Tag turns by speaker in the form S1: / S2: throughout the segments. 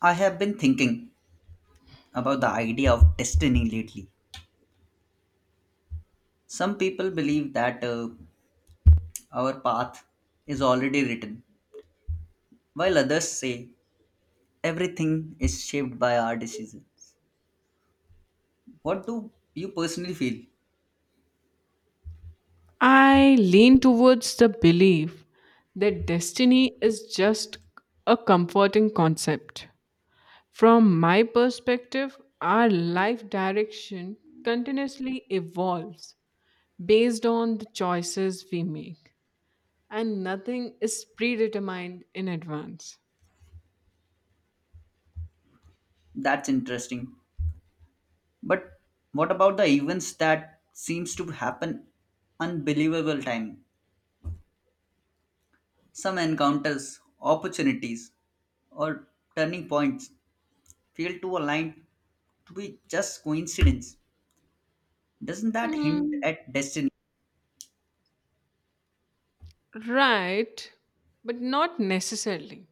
S1: I have been thinking about the idea of destiny lately. Some people believe that our path is already written, while others say everything is shaped by our decisions. What do you personally feel?
S2: I lean towards the belief that destiny is just a comforting concept. From my perspective, our life direction continuously evolves based on the choices we make, and nothing is predetermined in advance.
S1: That's interesting. But what about the events that seems to happen unbelievable time? Some encounters, opportunities, or turning points feel to align to be just coincidence. Doesn't that hint
S2: Hmm,
S1: at destiny?
S2: right, but not necessarily.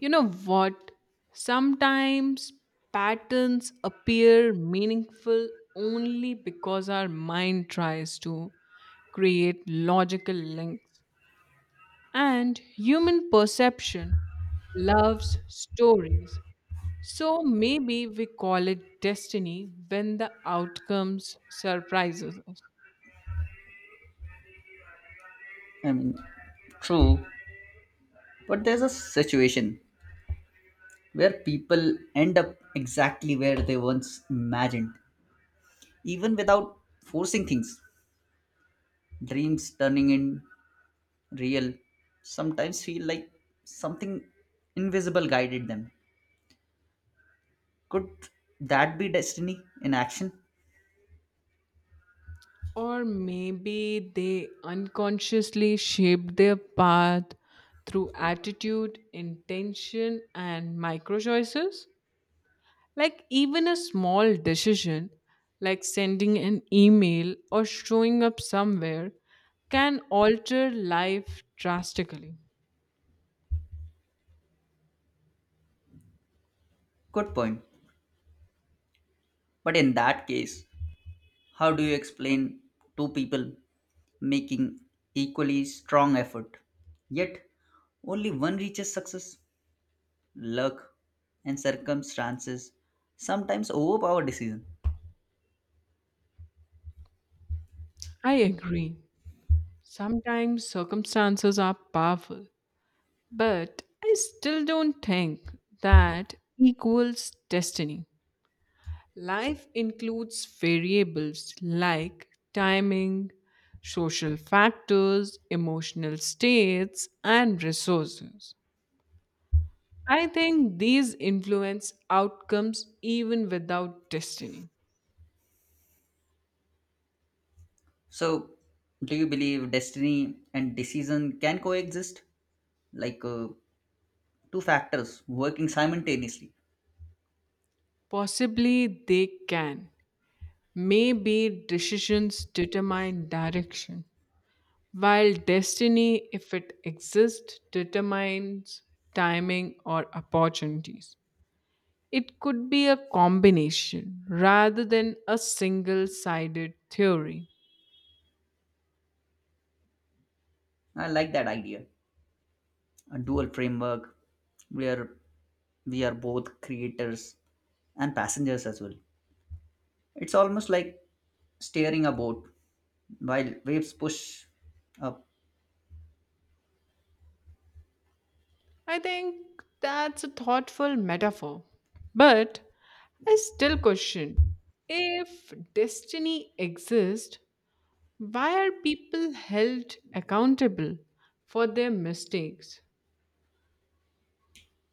S2: You know what? Sometimes patterns appear meaningful only because our mind tries to create logical links. And human perception loves stories. So maybe we call it destiny when the outcomes surprises us.
S1: I mean, true, but there's a situation where people end up exactly where they once imagined, even without forcing things. Dreams turning in real sometimes feel like something invisible guided them. Could that be destiny in action?
S2: Or maybe they unconsciously shaped their path through attitude, intention, and micro choices. Like even a small decision, like sending an email or showing up somewhere, can alter life drastically.
S1: Good point. But in that case, how do you explain two people making equally strong effort, yet only one reaches success? Luck and circumstances sometimes overpower decision.
S2: I agree. Sometimes circumstances are powerful, but I still don't think that equals destiny. Life includes variables like timing, social factors, emotional states, and resources. I think these influence outcomes even without destiny.
S1: So, do you believe destiny and decision can coexist? Like two factors working simultaneously.
S2: Possibly they can. Maybe decisions determine direction, while destiny, if it exists, determines timing or opportunities. It could be a combination rather than a single sided theory.
S1: I like that idea. A dual framework where we are both creators and passengers as well. It's almost like steering a boat while waves push up.
S2: I think that's a thoughtful metaphor. But I still question if destiny exists, why are people held accountable for their mistakes?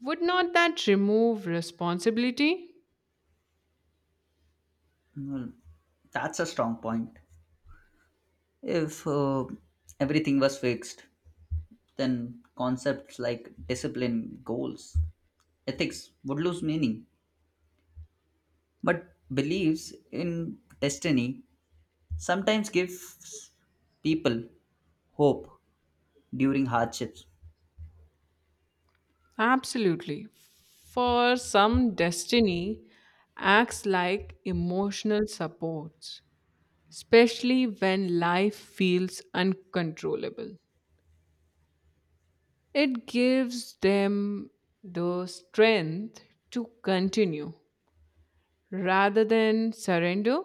S2: Would not that remove responsibility?
S1: Well, that's a strong point. If everything was fixed, then concepts like discipline, goals, ethics would lose meaning. But beliefs in destiny sometimes gives people hope during hardships.
S2: Absolutely. For some, destiny acts like emotional support, especially when life feels uncontrollable. It gives them the strength to continue rather than surrender.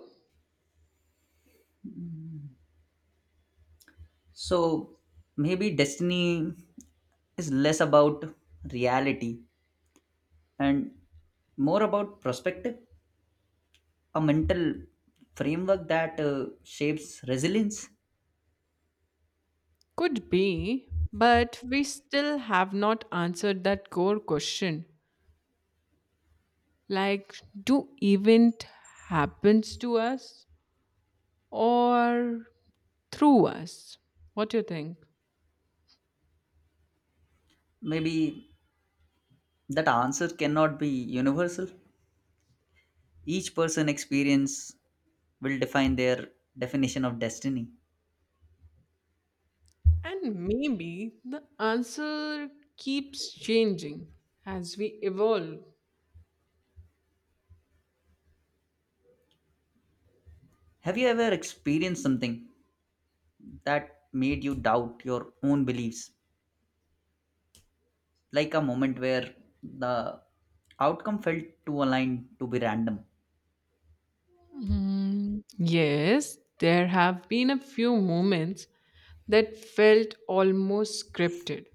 S1: So maybe destiny is less about reality and more about perspective, a mental framework that shapes resilience.
S2: Could be, but we still have not answered that core question like, do event happens to us or through us? What do you think?
S1: Maybe that answer cannot be universal. Each person experience will define their definition of destiny.
S2: And maybe the answer keeps changing as we evolve.
S1: Have you ever experienced something that made you doubt your own beliefs, like a moment where the outcome felt too aligned to be random?
S2: Mm, yes, there have been a few moments that felt almost scripted.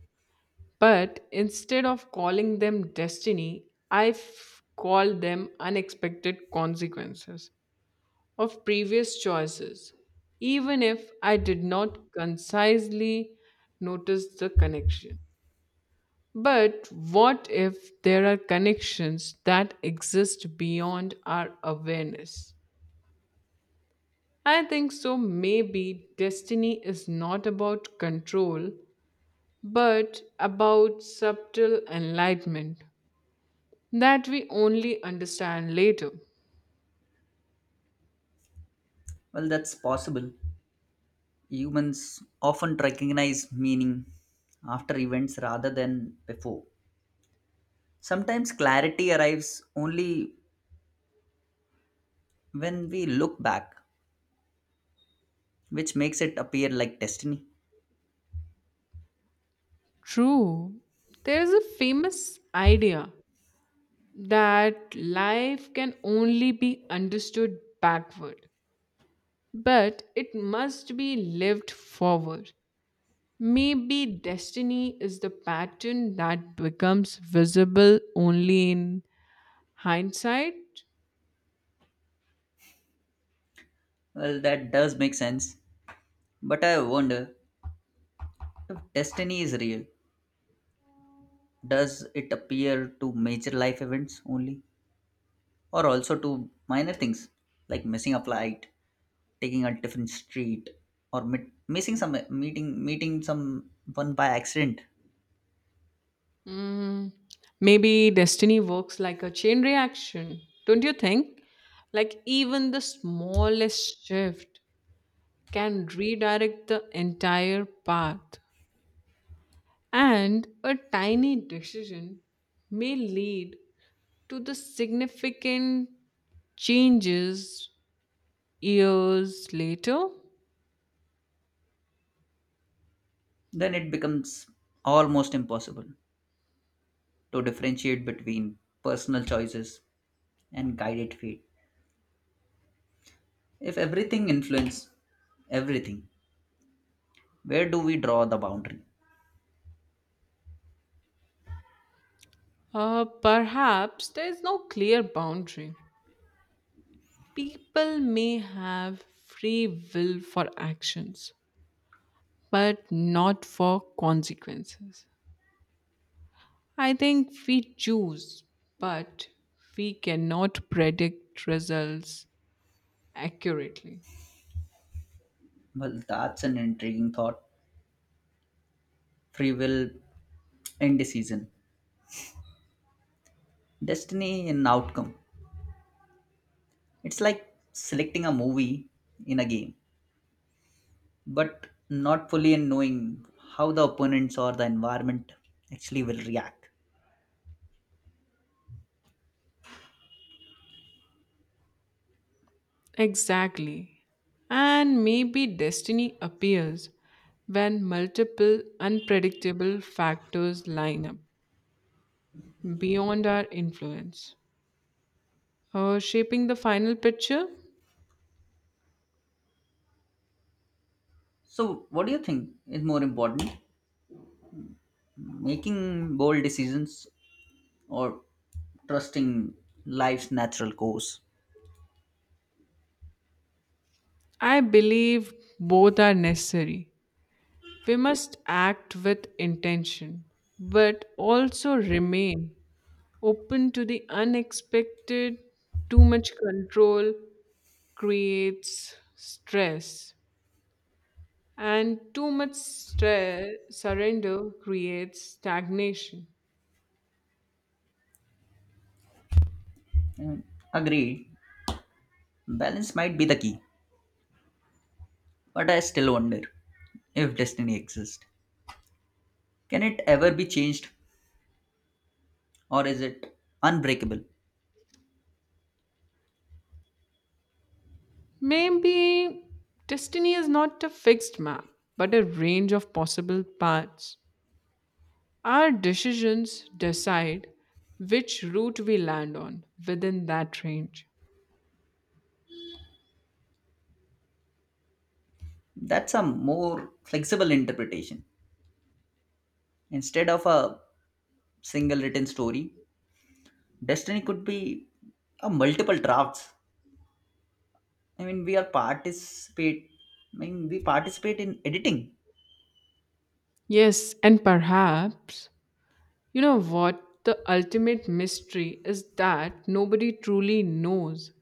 S2: But instead of calling them destiny, I call them unexpected consequences of previous choices, even if I did not concisely notice the connection. But what if there are connections that exist beyond our awareness? I think so. Maybe destiny is not about control, but about subtle enlightenment that we only understand later.
S1: Well, that's possible. Humans often recognize meaning after events rather than before. Sometimes clarity arrives only when we look back, which makes it appear like destiny.
S2: True, there is a famous idea that life can only be understood backward, but it must be lived forward. Maybe destiny is the pattern that becomes visible only in hindsight.
S1: Well, that does make sense, but I wonder if destiny is real, does it appear to major life events only, or also to minor things like missing a flight, taking a different street, or missing some meeting someone by accident?
S2: Mm, maybe destiny works like a chain reaction, don't you think? Like, even the smallest shift can redirect the entire path, and a tiny decision may lead to the significant changes years later.
S1: Then it becomes almost impossible to differentiate between personal choices and guided fate. If everything influences everything, where do we draw the boundary?
S2: Perhaps there is no clear boundary. People may have free will for actions but not for consequences. I think we choose, but we cannot predict results accurately.
S1: Well, that's an intriguing thought. Free will, indecision, destiny, and outcome. It's like selecting a movie in a game, but not fully in knowing how the opponents or the environment actually will react.
S2: Exactly. And maybe destiny appears when multiple unpredictable factors line up beyond our influence. Shaping the final picture,
S1: So, what do you think is more important? Making bold decisions or trusting life's natural course.
S2: I believe both are necessary. We must act with intention, but also remain open to the unexpected. Too much control creates stress, and too much stress, surrender creates stagnation.
S1: Mm, agreed, balance might be the key, but I still wonder if destiny exists. Can it ever be changed or is it unbreakable?
S2: Maybe destiny is not a fixed map, but a range of possible paths. Our decisions decide which route we land on within that range.
S1: That's a more flexible interpretation. Instead of a single written story, destiny could be a multiple drafts. I mean, we are participate. I mean, We participate in editing,
S2: Yes, and perhaps, you know what? The ultimate mystery is that nobody truly knows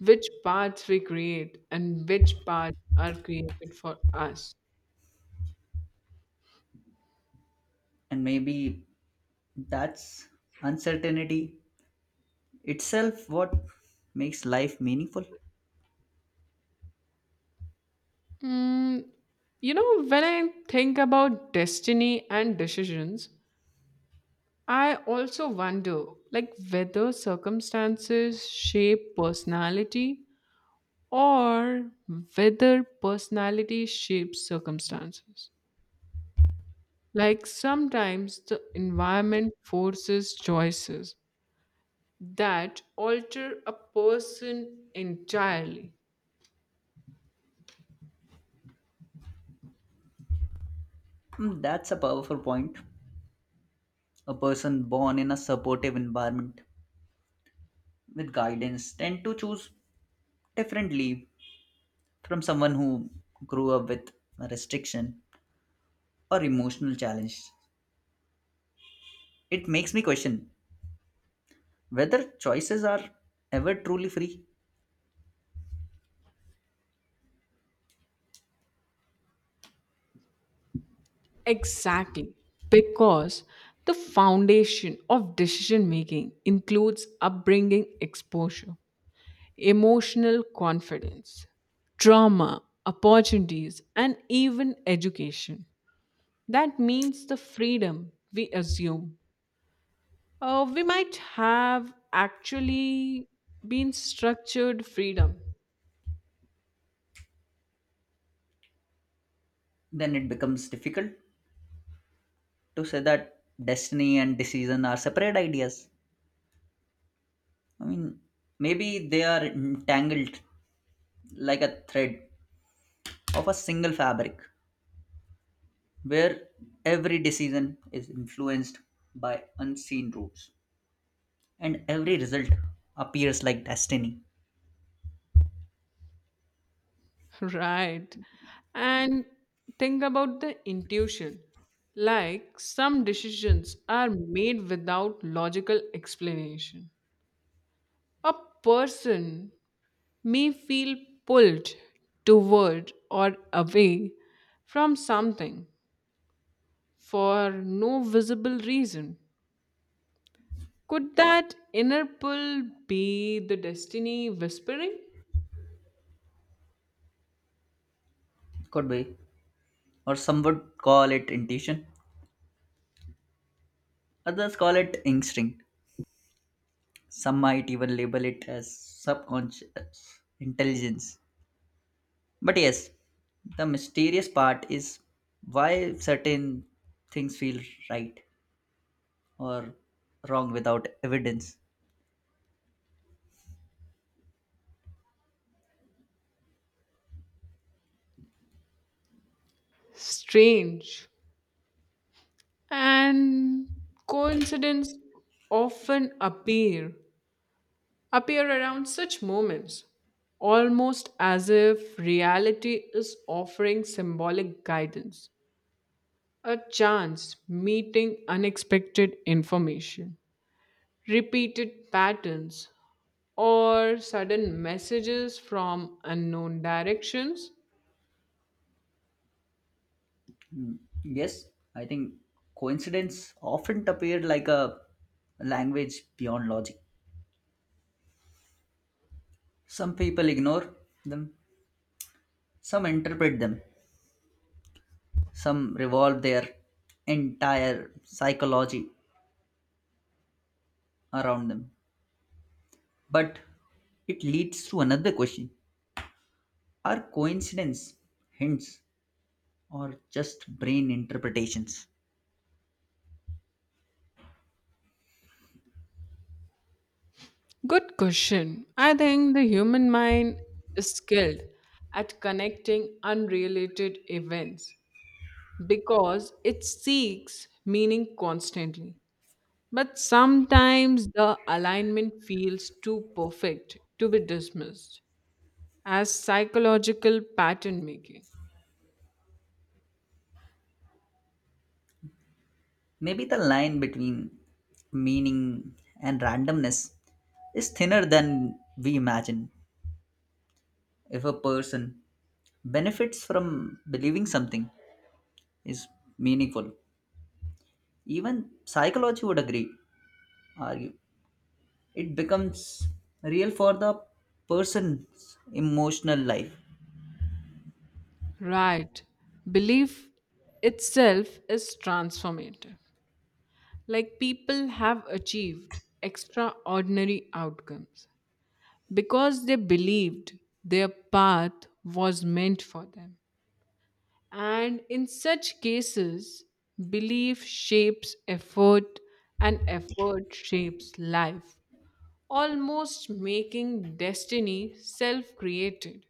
S2: which parts we create and which parts are created for us.
S1: and maybe that's uncertainty itself what makes life meaningful.
S2: Mm, you know, when I think about destiny and decisions, I also wonder like whether circumstances shape personality or whether personality shapes circumstances. Like sometimes the environment forces choices that alter a person entirely.
S1: Hmm, that's a powerful point. A person born in a supportive environment with guidance tend to choose differently from someone who grew up with restriction or emotional challenge. It makes me question whether choices are ever truly free.
S2: Exactly. Because the foundation of decision making includes upbringing exposure, emotional confidence, trauma, opportunities, and even education. That means the freedom we assume, we might have actually been structured freedom,
S1: Then it becomes difficult to say that destiny and decision are separate ideas. I mean, maybe they are entangled like a thread of a single fabric where every decision is influenced by unseen rules and every result appears like destiny.
S2: right? And think about the intuition. Like some decisions are made without logical explanation. A person may feel pulled toward or away from something for no visible reason. Could that inner pull be the destiny whispering?
S1: Could be, or some would call it intuition, others call it instinct, some might even label it as subconscious intelligence. But yes, the mysterious part is why certain things feel right or wrong without evidence.
S2: Strange, and coincidence often appear around such moments, almost as if reality is offering symbolic guidance, a chance meeting, unexpected information, repeated patterns, or sudden messages from unknown directions.
S1: Mm, yes, I think coincidence often appear like a language beyond logic. Some people ignore them, some interpret them, some revolve their entire psychology around them. But it leads to another question. Are coincidence hints or just brain interpretations?
S2: Good question. I think the human mind is skilled at connecting unrelated events because it seeks meaning constantly. But sometimes the alignment feels too perfect to be dismissed as psychological pattern making.
S1: Maybe the line between meaning and randomness is thinner than we imagine. If a person benefits from believing something is meaningful, even psychology would agree argue it becomes real for the person's emotional life.
S2: Right. Belief itself is transformative. Like people have achieved extraordinary outcomes because they believed their path was meant for them. And in such cases, belief shapes effort and effort shapes life, almost making destiny self created.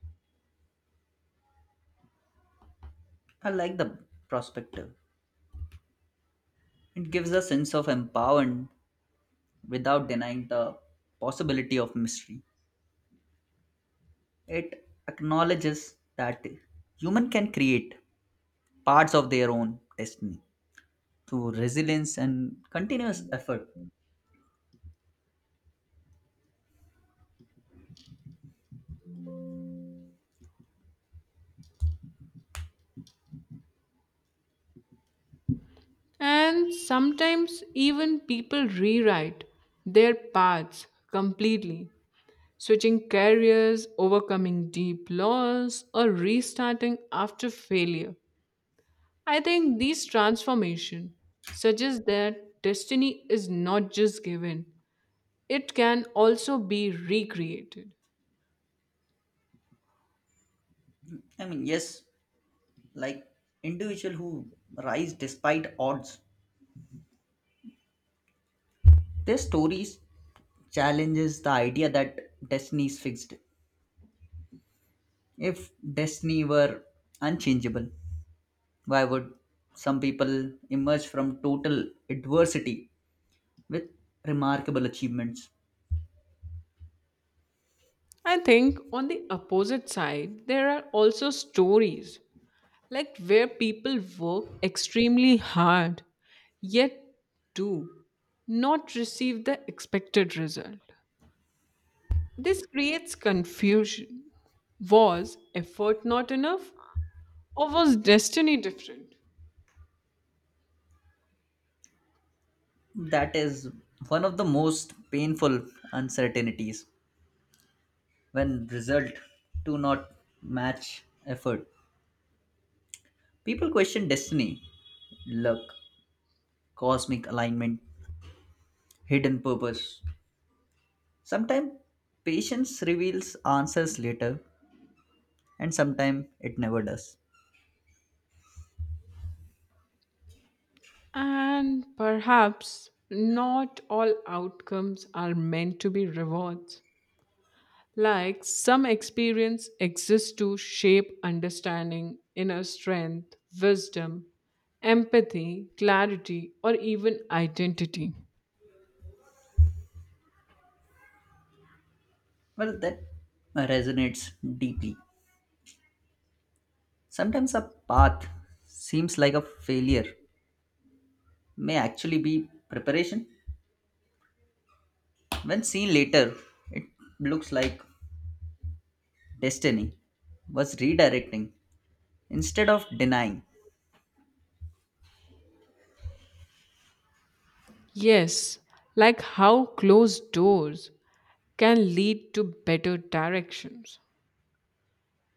S1: I like the perspective. It gives a sense of empowerment without denying the possibility of mystery. It acknowledges that human can create parts of their own destiny through resilience and continuous effort.
S2: And sometimes even people rewrite their paths completely, switching careers, overcoming deep loss, or restarting after failure. I think these transformation suggest that destiny is not just given, it can also be recreated.
S1: Yes, like individuals who rise despite odds. Their stories challenges the idea that destiny is fixed. If destiny were unchangeable, why would some people emerge from total adversity with remarkable achievements?
S2: I think on the opposite side, there are also stories like where people work extremely hard yet do not receive the expected result. This creates confusion. Was effort not enough or was destiny different?
S1: That is one of the most painful uncertainties when result do not match effort. People question destiny, luck, cosmic alignment, hidden purpose. Sometimes patience reveals answers later, and sometimes it never does.
S2: And perhaps not all outcomes are meant to be rewards. Like some experience exists to shape understanding, inner strength, wisdom, empathy, clarity, or even identity.
S1: Well, that resonates deeply. Sometimes a path seems like a failure, may actually be preparation. When seen later, it looks like destiny was redirecting instead of denying,
S2: Yes, like how closed doors can lead to better directions.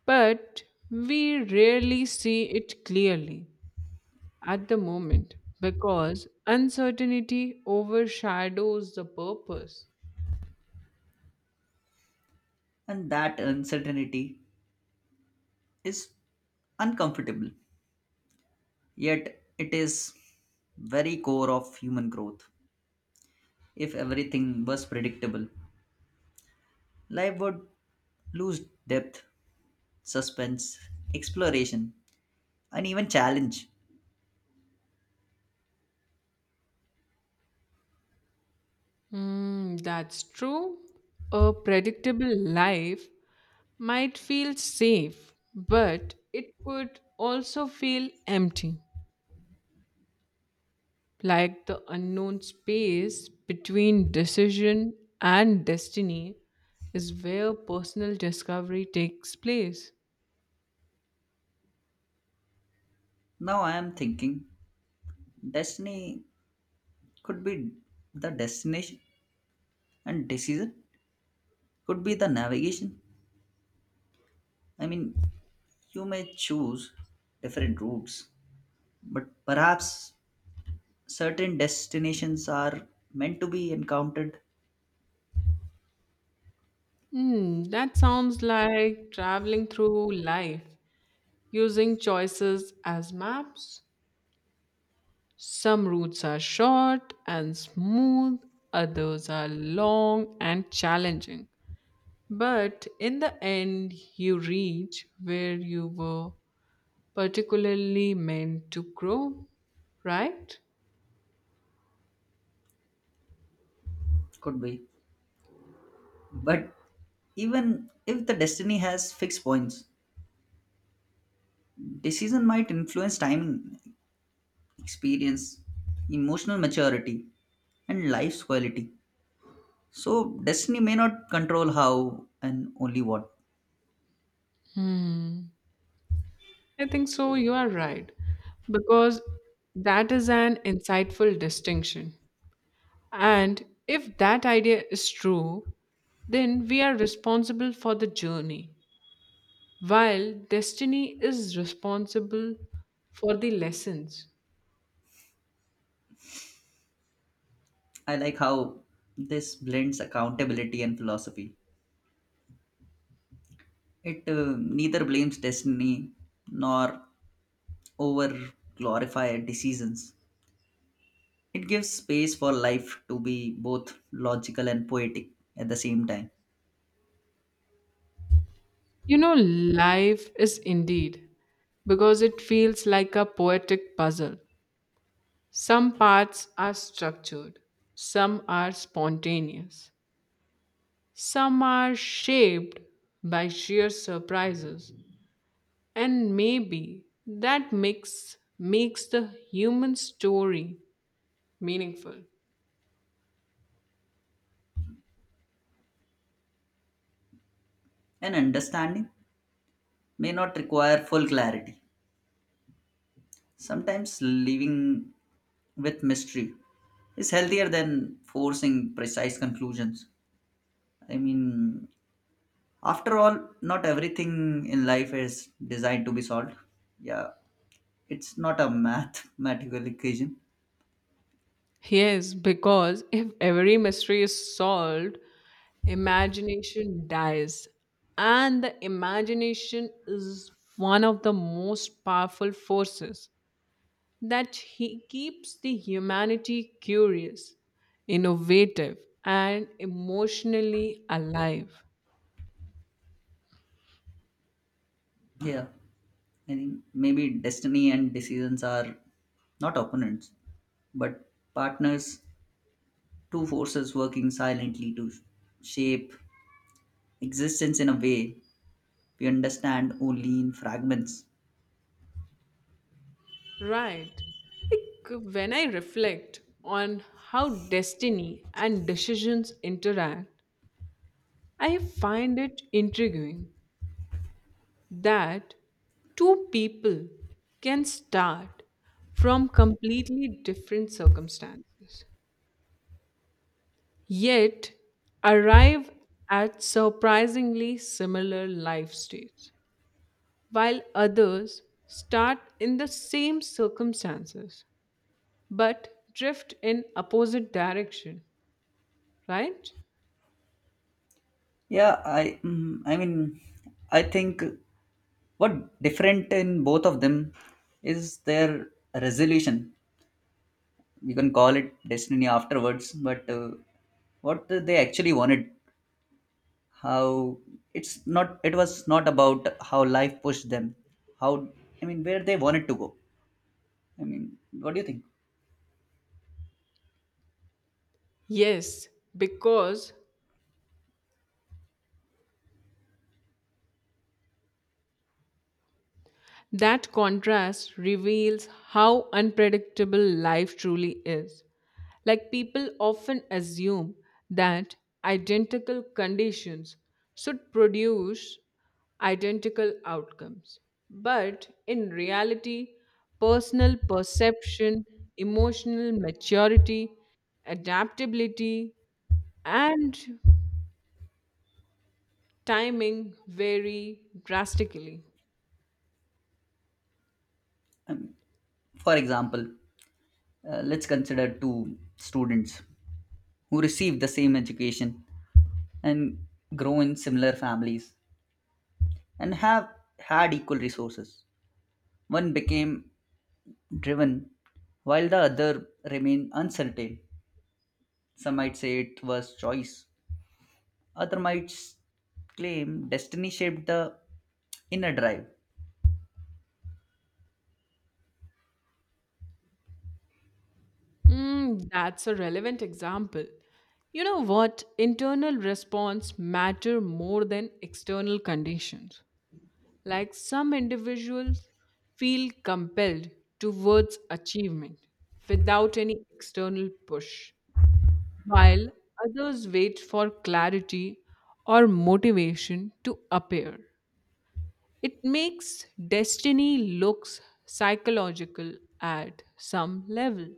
S2: But we rarely see it clearly at the moment, because uncertainty overshadows the purpose.
S1: and that uncertainty is uncomfortable, yet, it is very core of human growth. If everything was predictable, life would lose depth, suspense, exploration, and even challenge.
S2: Hmm, that's true. A predictable life might feel safe, but it could also feel empty, like the unknown space between decision and destiny is where personal discovery takes place.
S1: Now I am thinking destiny could be the destination and decision could be the navigation. I mean, you may choose different routes, but perhaps certain destinations are meant to be encountered.
S2: Hmm, that sounds like traveling through life using choices as maps. Some routes are short and smooth, others are long and challenging. But in the end, you reach where you were particularly meant to grow, right?
S1: Could be. But even if the destiny has fixed points, decision might influence timing, experience, emotional maturity, and life's quality. So destiny may not control how and only what.
S2: Hmm. I think so, you are right. Because that is an insightful distinction. And if that idea is true, then we are responsible for the journey, while destiny is responsible for the lessons.
S1: I like how this blends accountability and philosophy. It neither blames destiny nor over glorify decisions. It gives space for life to be both logical and poetic at the same time.
S2: You know, life is indeed, because it feels like a poetic puzzle. Some parts are structured, some are spontaneous, some are shaped by sheer surprises, and maybe that mix makes the human story meaningful.
S1: And understanding may not require full clarity. Sometimes living with mystery is healthier than forcing precise conclusions. I mean, after all, not everything in life is designed to be solved. Yeah, it's not a mathematical equation.
S2: Yes, because if every mystery is solved, imagination dies, and the imagination is one of the most powerful forces that he keeps the humanity curious, innovative, and emotionally alive.
S1: Yeah, I think maybe destiny and decisions are not opponents, but partners, two forces working silently to shape existence in a way we understand only in fragments.
S2: Right, like when I reflect on how destiny and decisions interact, I find it intriguing that two people can start from completely different circumstances, yet arrive at surprisingly similar life stages, while others start in the same circumstances but drift in opposite direction, right?
S1: Yeah, I mm, I mean, I think what different in both of them is their resolution. You can call it destiny afterwards, but what they actually wanted, how it's not, it was not about how life pushed them, how I mean, where they wanted to go. I mean, what do you think?
S2: Yes, because that contrast reveals how unpredictable life truly is. Like people often assume that identical conditions should produce identical outcomes. But in reality, personal perception, emotional maturity, adaptability, and timing vary drastically.
S1: I mean, for example, let's consider two students who receive the same education and grow in similar families and have had equal resources. One became driven while the other remained uncertain. Some might say it was choice, other might claim destiny shaped the inner drive.
S2: Mm, that's a relevant example. You know what? Internal response matter more than external conditions. Like some individuals feel compelled towards achievement without any external push, while others wait for clarity or motivation to appear. It makes destiny looks psychological at some level.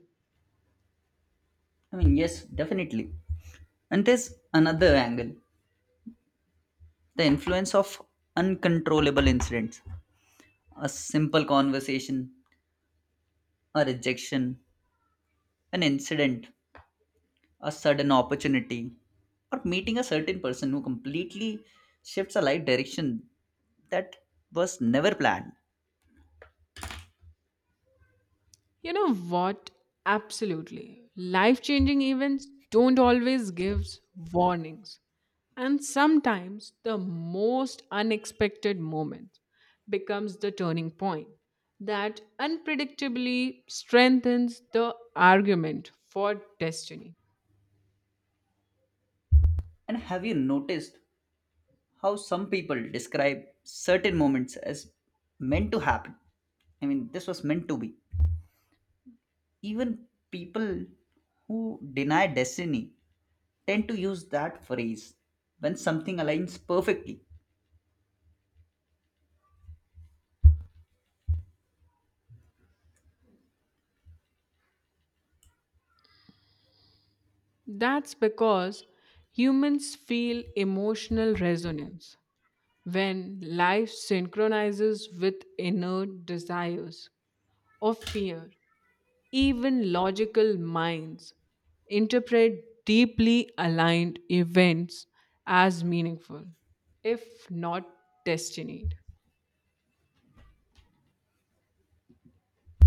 S1: Yes, definitely. And there's another angle, the influence of uncontrollable incidents. A simple conversation, a rejection, an incident, a sudden opportunity, or meeting a certain person who completely shifts a life direction that was never planned.
S2: You know what? Absolutely. Life changing events don't always give warnings. And sometimes the most unexpected moment becomes the turning point that unpredictably strengthens the argument for destiny.
S1: And have you noticed how some people describe certain moments as meant to happen? I mean, this was meant to be. Even people who deny destiny tend to use that phrase when something aligns perfectly.
S2: That's because humans feel emotional resonance when life synchronizes with inner desires or fear. Even logical minds interpret deeply aligned events as meaningful, if not destined.